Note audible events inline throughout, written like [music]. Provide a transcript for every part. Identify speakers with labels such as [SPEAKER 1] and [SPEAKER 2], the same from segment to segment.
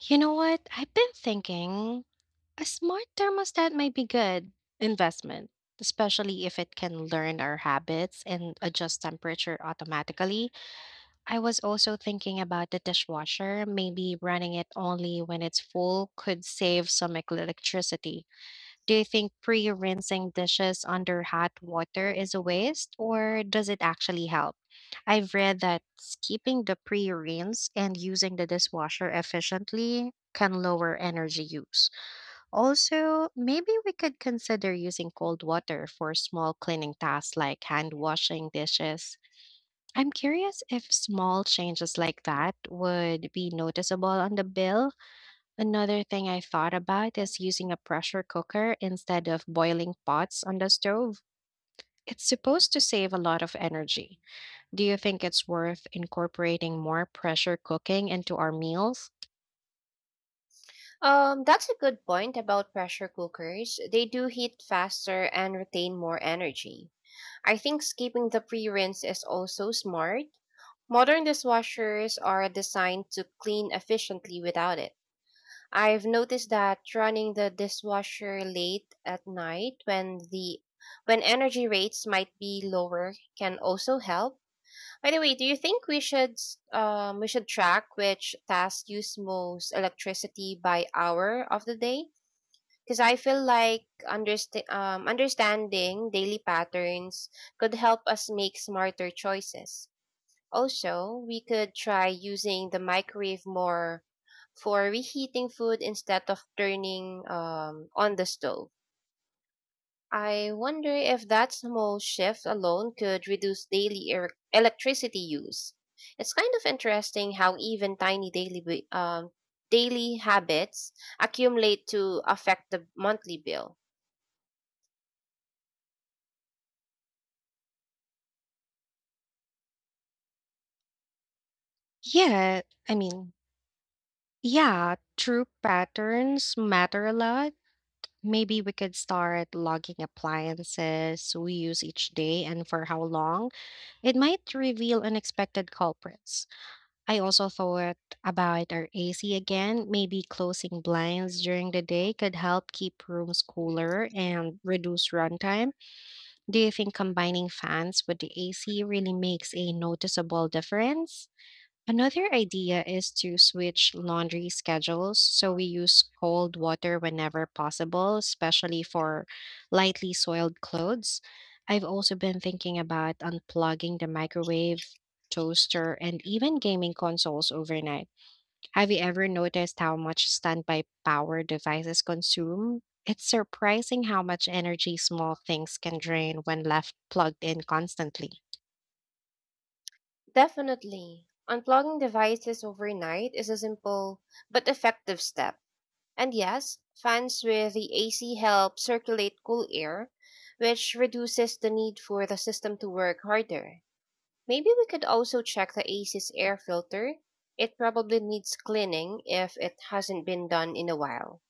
[SPEAKER 1] You know what? I've been thinking a smart thermostat might be good investment, especially if it can learn our habits and adjust temperature automatically. I was also thinking about the dishwasher, maybe running it only when it's full could save some electricity. Do you think pre-rinsing dishes under hot water is a waste, or does it actually help? I've read that skipping the pre-rinse and using the dishwasher efficiently can lower energy use. Also, maybe we could consider using cold water for small cleaning tasks like hand washing dishes. I'm curious if small changes like that would be noticeable on the bill. Another thing I thought about is using a pressure cooker instead of boiling pots on the stove. It's supposed to save a lot of energy. Do you think it's worth incorporating more pressure cooking into our meals?
[SPEAKER 2] That's a good point about pressure cookers. They do heat faster and retain more energy. I think skipping the pre-rinse is also smart. Modern dishwashers are designed to clean efficiently without it. I've noticed that running the dishwasher late at night when energy rates might be lower can also help. By the way, do you think we should track which tasks use most electricity by hour of the day? Because I feel like understanding daily patterns could help us make smarter choices. Also, we could try using the microwave more for reheating food instead of turning on the stove. I wonder if that small shift alone could reduce daily electricity use. It's kind of interesting how even tiny daily habits accumulate to affect the monthly bill.
[SPEAKER 1] Yeah, I mean, yeah, true patterns matter a lot. Maybe we could start logging appliances we use each day and for how long. It might reveal unexpected culprits. I also thought about our AC again. Maybe closing blinds during the day could help keep rooms cooler and reduce runtime. Do you think combining fans with the AC really makes a noticeable difference? Another idea is to switch laundry schedules so we use cold water whenever possible, especially for lightly soiled clothes. I've also been thinking about unplugging the microwave, toaster, and even gaming consoles overnight. Have you ever noticed how much standby power devices consume? It's surprising how much energy small things can drain when left plugged in constantly.
[SPEAKER 2] Definitely. Unplugging devices overnight is a simple but effective step. And yes, fans with the AC help circulate cool air, which reduces the need for the system to work harder. Maybe we could also check the AC's air filter. It probably needs cleaning if it hasn't been done in a while.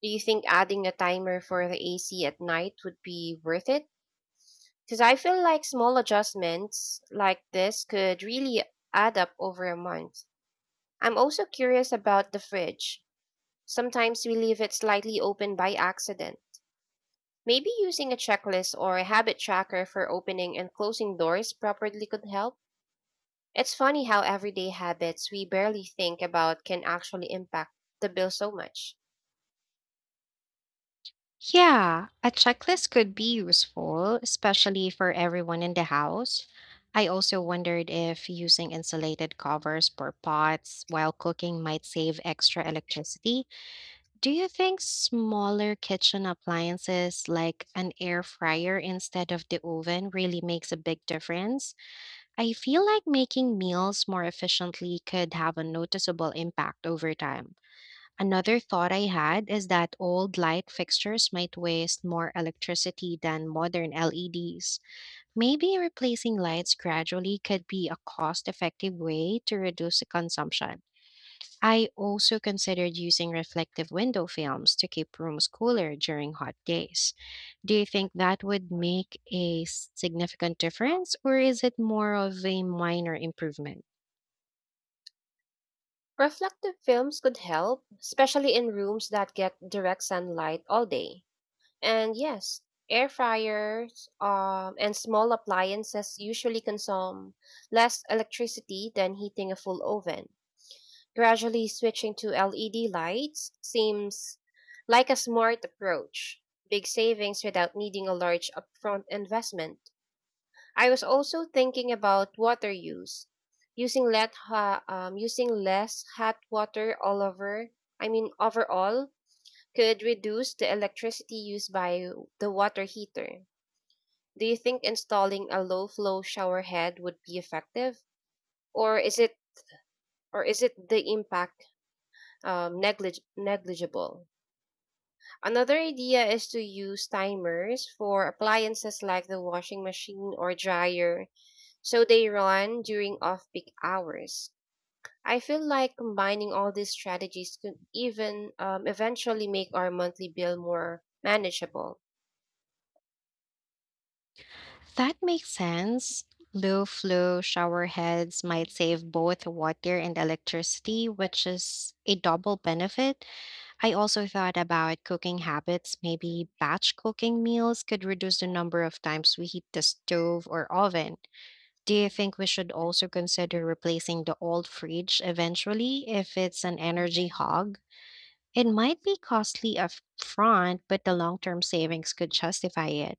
[SPEAKER 2] Do you think adding a timer for the AC at night would be worth it? Because I feel like small adjustments like this could really add up over a month. I'm also curious about the fridge. Sometimes we leave it slightly open by accident. Maybe using a checklist or a habit tracker for opening and closing doors properly could help. It's funny how everyday habits we barely think about can actually impact the bill so much.
[SPEAKER 1] Yeah, a checklist could be useful, especially for everyone in the house. I also wondered if using insulated covers for pots while cooking might save extra electricity. Do you think smaller kitchen appliances like an air fryer instead of the oven really makes a big difference? I feel like making meals more efficiently could have a noticeable impact over time. Another thought I had is that old light fixtures might waste more electricity than modern LEDs. Maybe replacing lights gradually could be a cost effective way to reduce the consumption. I also considered using reflective window films to keep rooms cooler during hot days. Do you think that would make a significant difference, or is it more of a minor improvement?
[SPEAKER 2] Reflective films could help, especially in rooms that get direct sunlight all day. And yes, air fryers and small appliances usually consume less electricity than heating a full oven. Gradually switching to LED lights seems like a smart approach. Big savings without needing a large upfront investment. I was also thinking about water use. Using less hot water all over, I mean overall, could reduce the electricity used by the water heater. Do you think installing a low flow shower head would be effective, or is it or is it the impact negligible? Another idea is to use timers for appliances like the washing machine or dryer, so they run during off-peak hours. I feel like combining all these strategies could eventually make our monthly bill more manageable.
[SPEAKER 1] That makes sense. Low flow shower heads might save both water and electricity, which is a double benefit. I also thought about cooking habits. Maybe batch cooking meals could reduce the number of times we heat the stove or oven. Do you think we should also consider replacing the old fridge eventually if it's an energy hog? It might be costly upfront, but the long term savings could justify it.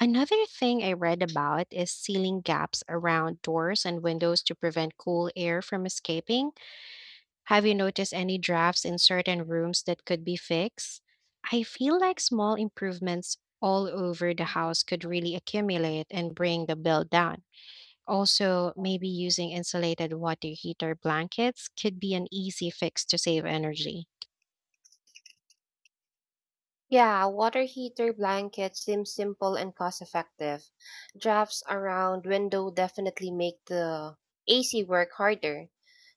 [SPEAKER 1] Another thing I read about is sealing gaps around doors and windows to prevent cool air from escaping. Have you noticed any drafts in certain rooms that could be fixed? I feel like small improvements all over the house could really accumulate and bring the bill down. Also, maybe using insulated water heater blankets could be an easy fix to save energy.
[SPEAKER 2] Yeah, water heater blankets seem simple and cost effective. Drafts around window definitely make the AC work harder,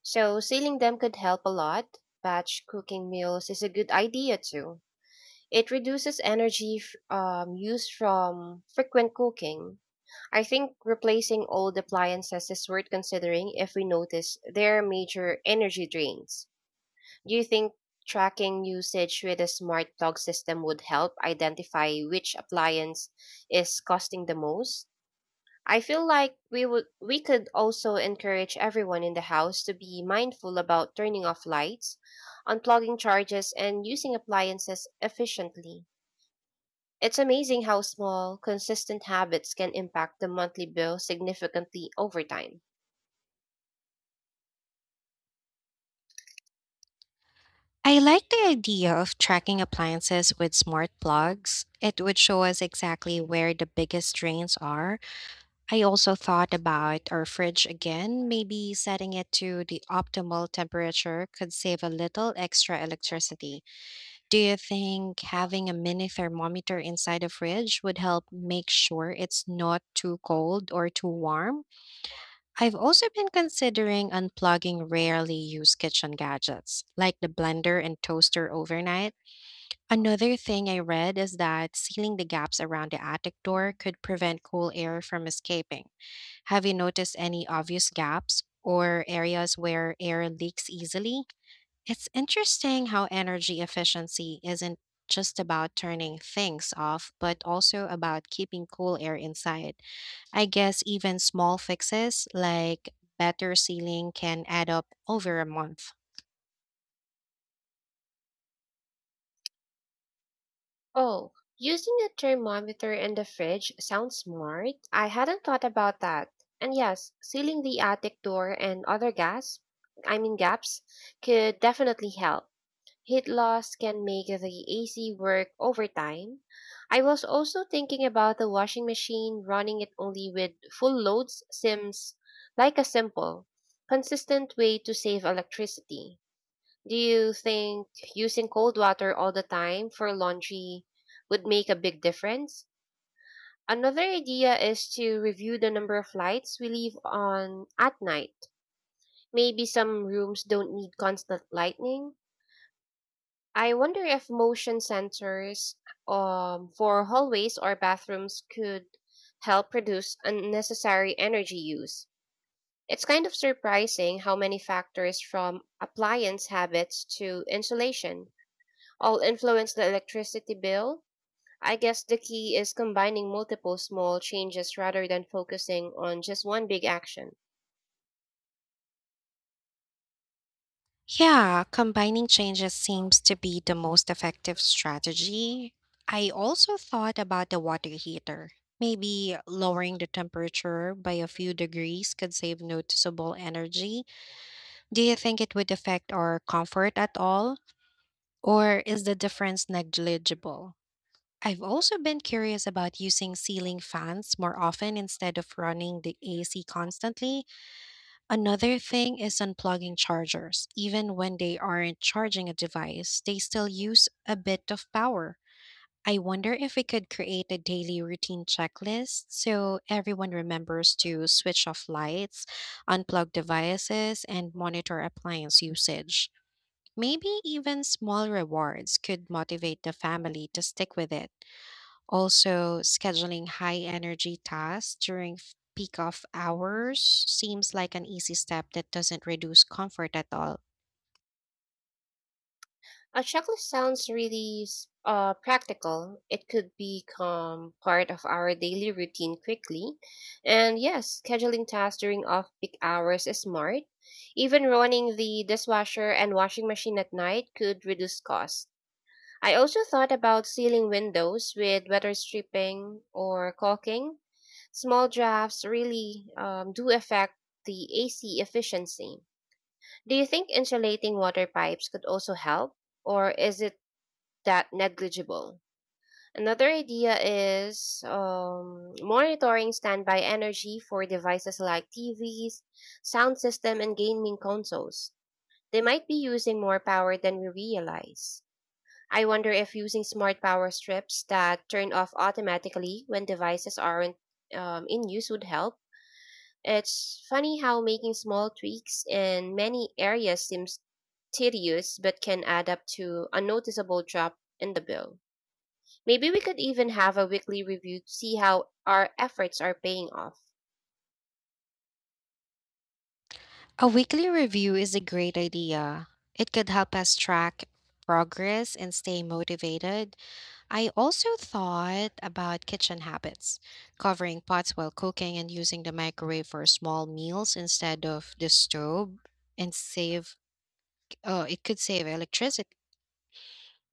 [SPEAKER 2] so sealing them could help a lot. Batch cooking meals is a good idea too. It reduces energy used from frequent cooking. I think replacing old appliances is worth considering if we notice their major energy drains. Do you think tracking usage with a smart plug system would help identify which appliance is costing the most? I feel like we could also encourage everyone in the house to be mindful about turning off lights, unplugging charges and using appliances efficiently. It's amazing how small, consistent habits can impact the monthly bill significantly over time.
[SPEAKER 1] I like the idea of tracking appliances with smart plugs. It would show us exactly where the biggest drains are. I also thought about our fridge again. Maybe setting it to the optimal temperature could save a little extra electricity. Do you think having a mini thermometer inside the fridge would help make sure it's not too cold or too warm? I've also been considering unplugging rarely used kitchen gadgets, like the blender and toaster overnight. Another thing I read is that sealing the gaps around the attic door could prevent cool air from escaping. Have you noticed any obvious gaps or areas where air leaks easily? It's interesting how energy efficiency isn't just about turning things off, but also about keeping cool air inside. I guess even small fixes like better sealing can add up over a month.
[SPEAKER 2] Oh, using a thermometer in the fridge sounds smart. I hadn't thought about that. And yes, sealing the attic door and other gas, I mean gaps, could definitely help. Heat loss can make the AC work overtime. I was also thinking about the washing machine. Running it only with full loads seems like a simple, consistent way to save electricity. Do you think using cold water all the time for laundry would make a big difference? Another idea is to review the number of lights we leave on at night. Maybe some rooms don't need constant lighting. I wonder if motion sensors for hallways or bathrooms could help reduce unnecessary energy use. It's kind of surprising how many factors from appliance habits to insulation all influence the electricity bill. I guess the key is combining multiple small changes rather than focusing on just one big action.
[SPEAKER 1] Yeah, combining changes seems to be the most effective strategy. I also thought about the water heater. Maybe lowering the temperature by a few degrees could save noticeable energy. Do you think it would affect our comfort at all? Or is the difference negligible? I've also been curious about using ceiling fans more often instead of running the AC constantly. Another thing is unplugging chargers. Even when they aren't charging a device, they still use a bit of power. I wonder if we could create a daily routine checklist so everyone remembers to switch off lights, unplug devices, and monitor appliance usage. Maybe even small rewards could motivate the family to stick with it. Also, scheduling high energy tasks during peak off hours seems like an easy step that doesn't reduce comfort at all.
[SPEAKER 2] A checklist sounds really practical. It could become part of our daily routine quickly. And yes, scheduling tasks during off peak hours is smart. Even running the dishwasher and washing machine at night could reduce costs. I also thought about sealing windows with weather stripping or caulking. Small drafts really do affect the AC efficiency. Do you think insulating water pipes could also help? Or is it that negligible? Another idea is monitoring standby energy for devices like TVs, sound system, and gaming consoles. They might be using more power than we realize. I wonder if using smart power strips that turn off automatically when devices aren't in use would help. It's funny how making small tweaks in many areas seems tedious but can add up to a noticeable drop in the bill. Maybe we could even have a weekly review to see how our efforts are paying off.
[SPEAKER 1] A weekly review is a great idea. It could help us track progress and stay motivated. I also thought about kitchen habits, covering pots while cooking and using the microwave for small meals instead of the stove and save It could save electricity.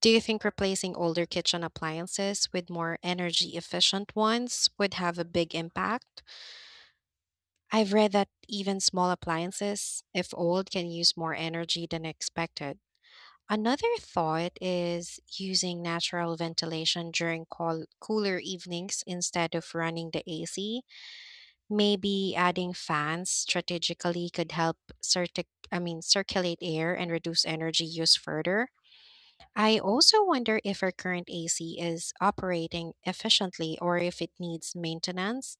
[SPEAKER 1] Do you think replacing older kitchen appliances with more energy efficient ones would have a big impact? I've read that even small appliances, if old, can use more energy than expected. Another thought is using natural ventilation during cooler evenings instead of running the AC. Maybe adding fans strategically could help circuit I mean circulate air and reduce energy use further. I also wonder if our current AC is operating efficiently or if it needs maintenance.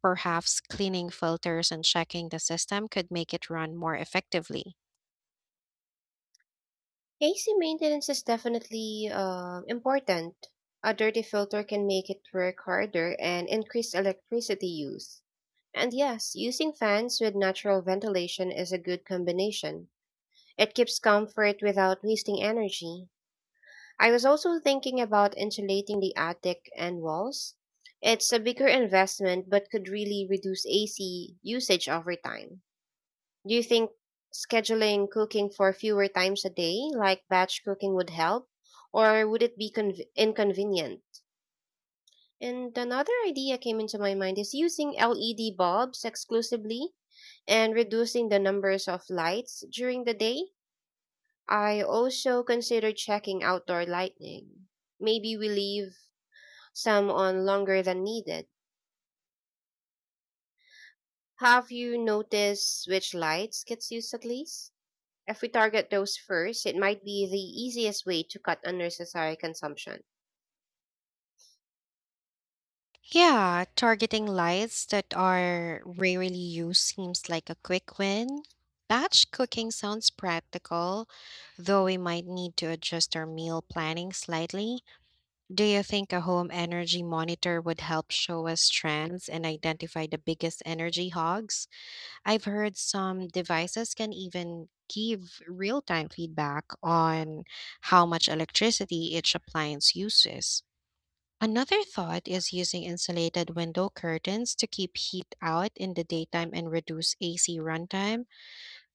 [SPEAKER 1] Perhaps cleaning filters and checking the system could make it run more effectively.
[SPEAKER 2] AC maintenance is definitely important. A dirty filter can make it work harder and increase electricity use. And yes, using fans with natural ventilation is a good combination. It keeps comfort without wasting energy. I was also thinking about insulating the attic and walls. It's a bigger investment but could really reduce AC usage over time. Do you think scheduling cooking for fewer times a day, like batch cooking, would help? Or would it be inconvenient? And another idea came into my mind is using LED bulbs exclusively and reducing the numbers of lights during the day. I also considered checking outdoor lighting. Maybe we leave some on longer than needed. Have you noticed which lights gets used at least? If we target those first, it might be the easiest way to cut unnecessary consumption.
[SPEAKER 1] Yeah, targeting lights that are rarely used seems like a quick win. Batch cooking sounds practical, though we might need to adjust our meal planning slightly. Do you think a home energy monitor would help show us trends and identify the biggest energy hogs? I've heard some devices can even give real time feedback on how much electricity each appliance uses. Another thought is using insulated window curtains to keep heat out in the daytime and reduce AC runtime.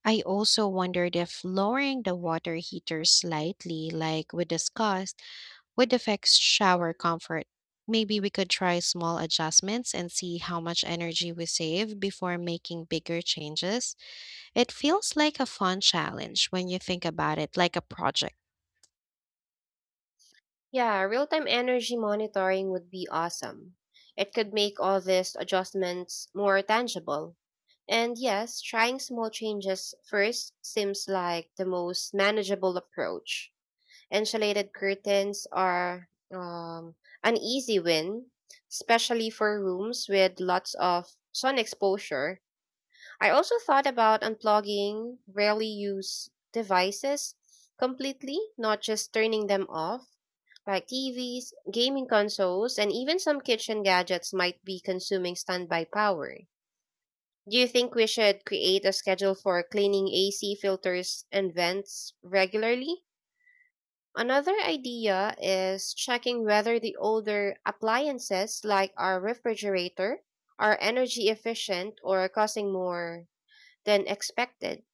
[SPEAKER 1] I also wondered if lowering the water heater slightly, like we discussed, would affect shower comfort. Maybe we could try small adjustments and see how much energy we save before making bigger changes. It feels like a fun challenge when you think about it like a project.
[SPEAKER 2] Yeah, real time energy monitoring would be awesome. It could make all these adjustments more tangible. And yes, trying small changes first seems like the most manageable approach. Insulated curtains are an easy win, especially for rooms with lots of sun exposure. I also thought about unplugging rarely used devices completely, not just turning them off, like TVs, gaming consoles, and even some kitchen gadgets might be consuming standby power. Do you think we should create a schedule for cleaning AC filters and vents regularly? Another idea is checking whether the older appliances like our refrigerator are energy efficient or causing more than expected.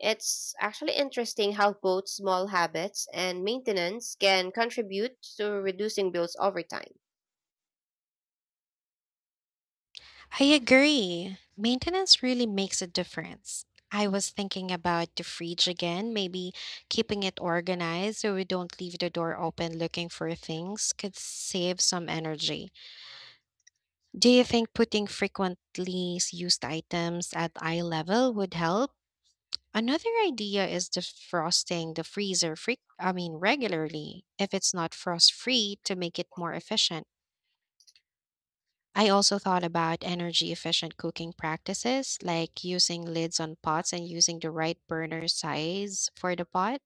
[SPEAKER 2] It's actually interesting how both small habits and maintenance can contribute to reducing bills over time.
[SPEAKER 1] I agree. Maintenance really makes a difference. I was thinking about the fridge again, maybe keeping it organized so we don't leave the door open looking for things could save some energy. Do you think putting frequently used items at eye level would help? Another idea is defrosting the freezer freak I mean regularly if it's not frost free to make it more efficient. I also thought about energy efficient cooking practices like using lids on pots and using the right burner size for the pot.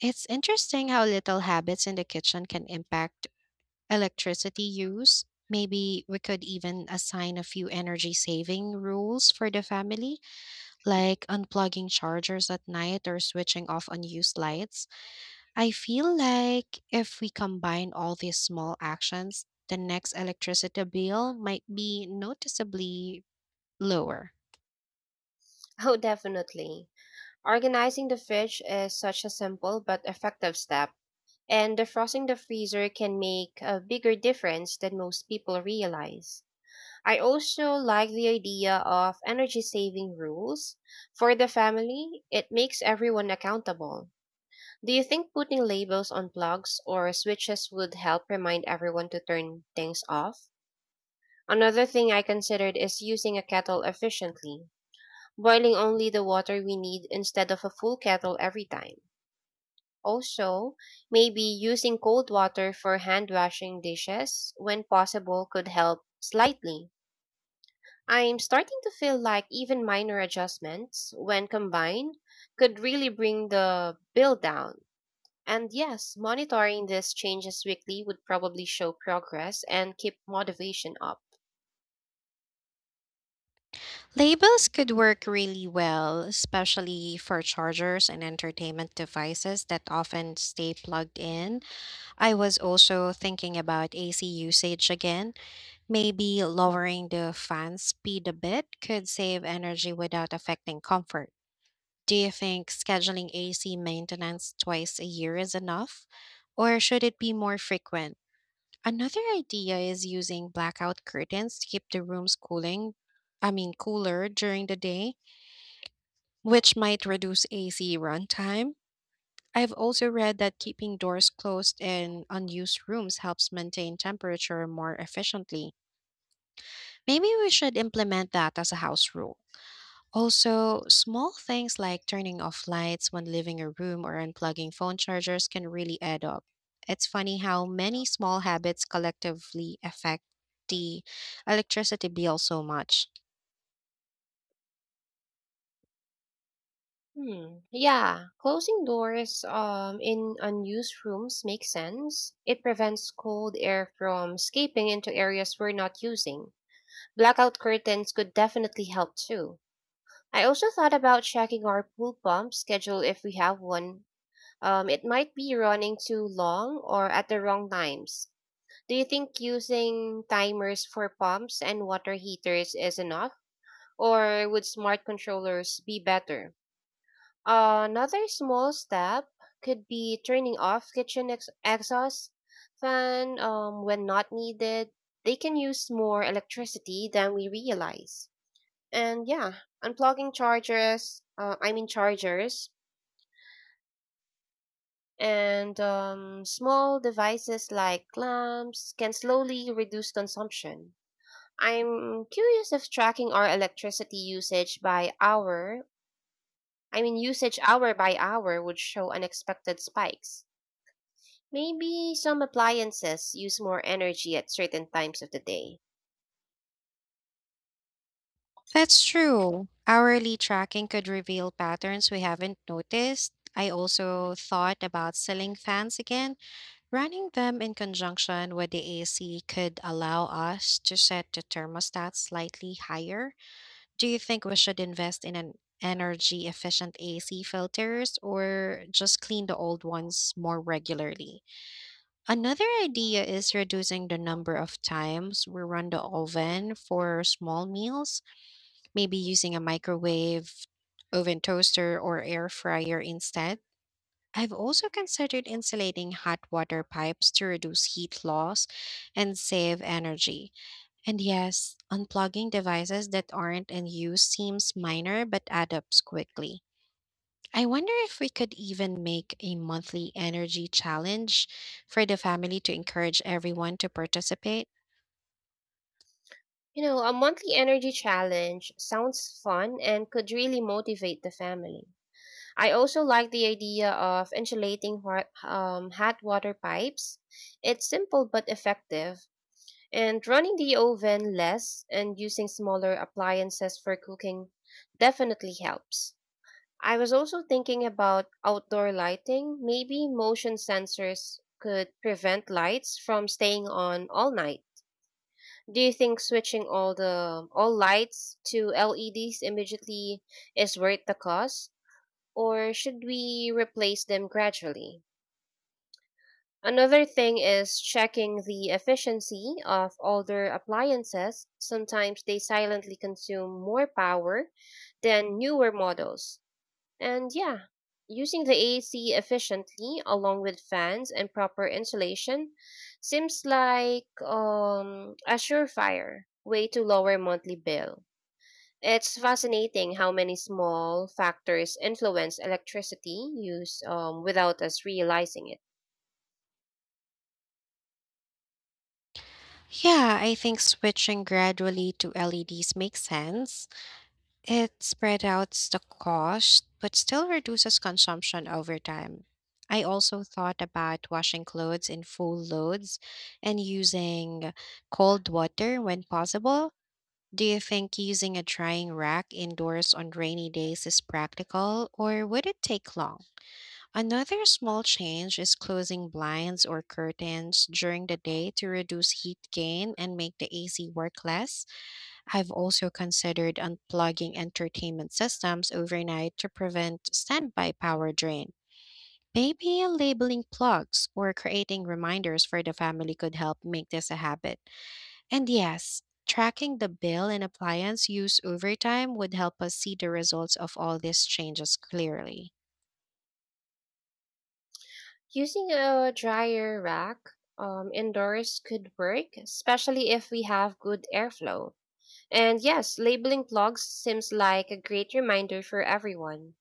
[SPEAKER 1] It's interesting how little habits in the kitchen can impact electricity use. Maybe we could even assign a few energy saving rules for the family, like unplugging chargers at night or switching off unused lights. I feel like if we combine all these small actions, the next electricity bill might be noticeably lower.
[SPEAKER 2] Oh, definitely. Organizing the fridge is such a simple but effective step, and defrosting the freezer can make a bigger difference than most people realize. I also like the idea of energy saving rules. For the family, it makes everyone accountable. Do you think putting labels on plugs or switches would help remind everyone to turn things off? Another thing I considered is using a kettle efficiently, boiling only the water we need instead of a full kettle every time. Also, maybe using cold water for hand washing dishes when possible could help slightly. I'm starting to feel like even minor adjustments, when combined, could really bring the bill down. And yes, monitoring these changes weekly would probably show progress and keep motivation up.
[SPEAKER 1] Labels could work really well, especially for chargers and entertainment devices that often stay plugged in. I was also thinking about AC usage again. Maybe lowering the fan speed a bit could save energy without affecting comfort. Do you think scheduling AC maintenance twice a year is enough? Or should it be more frequent? Another idea is using blackout curtains to keep the rooms cooler during the day, which might reduce AC runtime. I've also read that keeping doors closed in unused rooms helps maintain temperature more efficiently. Maybe we should implement that as a house rule. Also, small things like turning off lights when leaving a room or unplugging phone chargers can really add up. It's funny how many small habits collectively affect the electricity bill so much.
[SPEAKER 2] Hmm. Yeah, closing doors in unused rooms makes sense. It prevents cold air from escaping into areas we're not using. Blackout curtains could definitely help too. I also thought about checking our pool pump schedule if we have one. It might be running too long or at the wrong times. Do you think using timers for pumps and water heaters is enough, or would smart controllers be better? Another small step could be turning off kitchen exhaust fan when not needed. They can use more electricity than we realize. And yeah, unplugging chargers, I mean chargers and small devices like lamps can slowly reduce consumption. I'm curious if tracking our electricity usage hour by hour would show unexpected spikes. Maybe some appliances use more energy at certain times of the day.
[SPEAKER 1] That's true. Hourly tracking could reveal patterns we haven't noticed. I also thought about ceiling fans again. Running them in conjunction with the AC could allow us to set the thermostat slightly higher. Do you think we should invest in an energy efficient AC filters or just clean the old ones more regularly? Another idea is reducing the number of times we run the oven for small meals, maybe using a microwave, oven toaster, or air fryer instead. I've also considered insulating hot water pipes to reduce heat loss and save energy. And yes, unplugging devices that aren't in use seems minor but add up quickly. I wonder if we could even make a monthly energy challenge for the family to encourage everyone to participate.
[SPEAKER 2] You know, a monthly energy challenge sounds fun and could really motivate the family. I also like the idea of insulating hot water pipes. It's simple but effective. And running the oven less and using smaller appliances for cooking definitely helps. I was also thinking about outdoor lighting. Maybe motion sensors could prevent lights from staying on all night. Do you think switching all lights to LEDs immediately is worth the cost, or should we replace them gradually? Another thing is checking the efficiency of older appliances. Sometimes they silently consume more power than newer models. And yeah, using the AC efficiently along with fans and proper insulation seems like a surefire way to lower monthly bill. It's fascinating how many small factors influence electricity use without us realizing it.
[SPEAKER 1] Yeah, I think switching gradually to LEDs makes sense. It spread out the cost, but still reduces consumption over time. I also thought about washing clothes in full loads and using cold water when possible. Do you think using a drying rack indoors on rainy days is practical, or would it take long? Another small change is closing blinds or curtains during the day to reduce heat gain and make the AC work less. I've also considered unplugging entertainment systems overnight to prevent standby power drain. Maybe labeling plugs or creating reminders for the family could help make this a habit. And yes, tracking the bill and appliance use over time would help us see the results of all these changes clearly.
[SPEAKER 2] Using a dryer rack indoors could work, especially if we have good airflow. And yes, labeling plugs seems like a great reminder for everyone.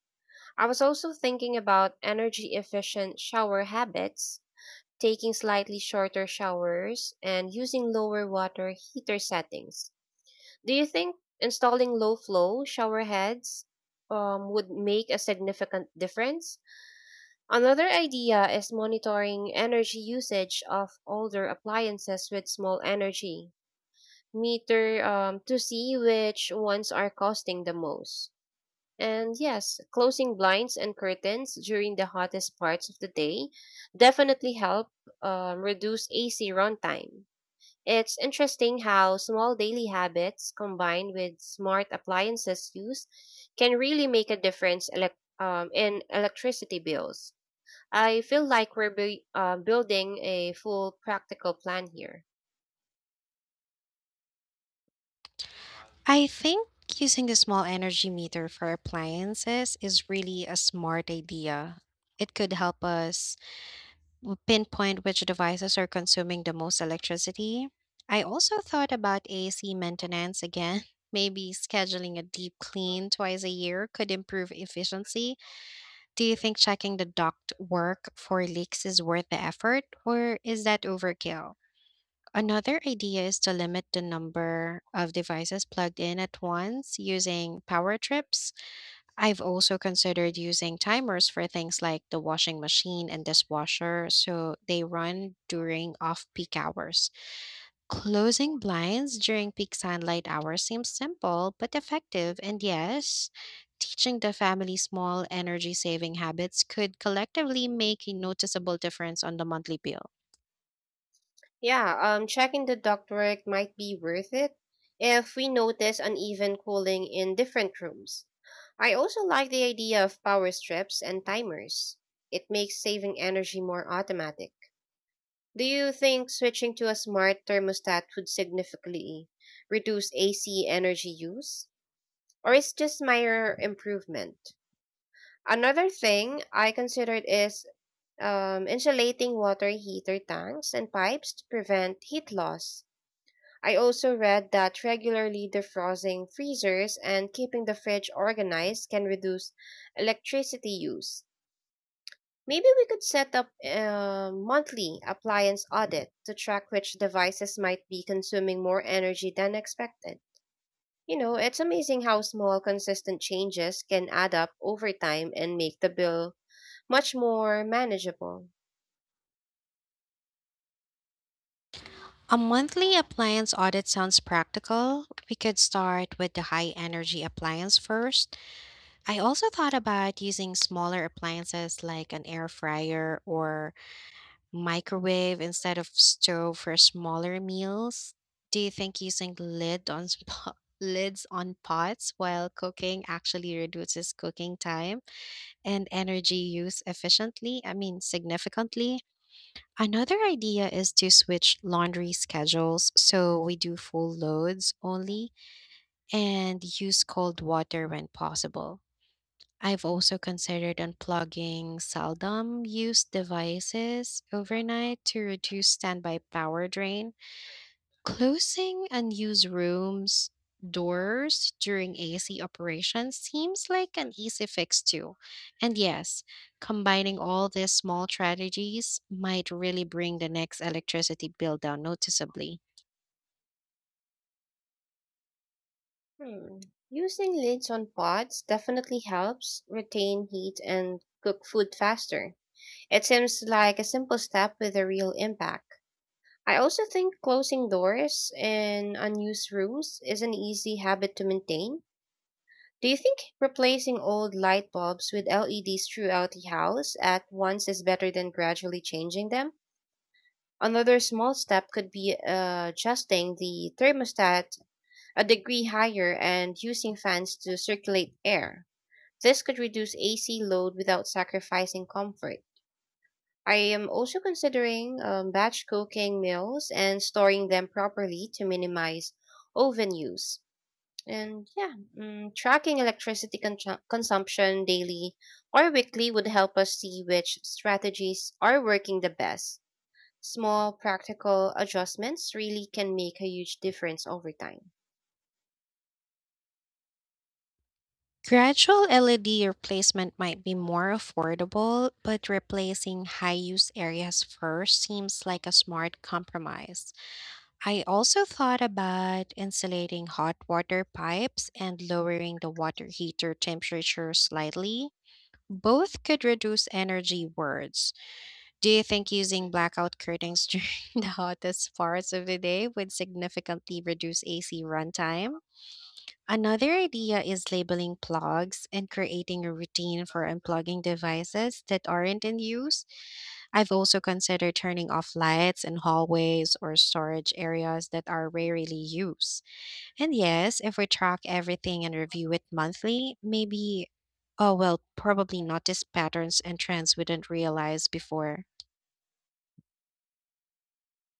[SPEAKER 2] I was also thinking about energy efficient shower habits, taking slightly shorter showers, and using lower water heater settings. Do you think installing low flow shower heads would make a significant difference? Another idea is monitoring energy usage of older appliances with small energy meter to see which ones are costing the most. And yes, closing blinds and curtains during the hottest parts of the day definitely help reduce AC runtime. It's interesting how small daily habits combined with smart appliances use can really make a difference elec in electricity bills. I feel like we're building a full practical plan here.
[SPEAKER 1] I think using a small energy meter for appliances is really a smart idea. It could help us pinpoint which devices are consuming the most electricity. I also thought about AC maintenance again. [laughs] Maybe scheduling a deep clean twice a year could improve efficiency. Do you think checking the duct work for leaks is worth the effort, or is that overkill? Another idea is to limit the number of devices plugged in at once using power trips. I've also considered using timers for things like the washing machine and dishwasher so they run during off peak hours. Closing blinds during peak sunlight hours seems simple but effective, and yes, teaching the family small energy saving habits could collectively make a noticeable difference on the monthly bill.
[SPEAKER 2] Yeah, checking the ductwork might be worth it if we notice uneven cooling in different rooms. I also like the idea of power strips and timers. It makes saving energy more automatic. Do you think switching to a smart thermostat would significantly reduce AC energy use? Or is just minor improvement? Another thing I considered is insulating water heater tanks and pipes to prevent heat loss. I also read that regularly defrosting freezers and keeping the fridge organized can reduce electricity use. Maybe we could set up a monthly appliance audit to track which devices might be consuming more energy than expected. You know, it's amazing how small, consistent changes can add up over time and make the bill much more manageable.
[SPEAKER 1] A monthly appliance audit sounds practical. We could start with the high energy appliance first. I also thought about using smaller appliances like an air fryer or microwave instead of stove for smaller meals? Do you think using [laughs] lids on pots while cooking actually reduces cooking time and energy use efficiently? I mean, significantly? Another idea is to switch laundry schedules so we do full loads only and use cold water when possible. I've also considered unplugging seldom used devices overnight to reduce standby power drain. Closing unused rooms doors during AC operations seems like an easy fix too. And yes, combining all these small strategies might really bring the next electricity bill down noticeably.
[SPEAKER 2] Hmm. Using lids on pods definitely helps retain heat and cook food faster. It seems like a simple step with a real impact. I also think closing doors in unused rooms is an easy habit to maintain. Do you think replacing old light bulbs with LEDs throughout the house at once is better than gradually changing them? Another small step could be adjusting the thermostat a degree higher and using fans to circulate air. This could reduce AC load without sacrificing comfort. I am also considering batch cooking meals and storing them properly to minimize oven use. And yeah, tracking electricity consumption daily or weekly would help us see which strategies are working the best. Small practical adjustments really can make a huge difference over time.
[SPEAKER 1] Gradual LED replacement might be more affordable, but replacing high use areas first seems like a smart compromise. I also thought about insulating hot water pipes and lowering the water heater temperature slightly. Both could reduce energy words. Do you think using blackout curtains [laughs] during the hottest parts of the day would significantly reduce AC runtime? Another idea is labeling plugs and creating a routine for unplugging devices that aren't in use. I've also considered turning off lights in hallways or storage areas that are rarely used. And yes, if we track everything and review it monthly, maybe, oh well, probably notice patterns and trends we didn't realize before.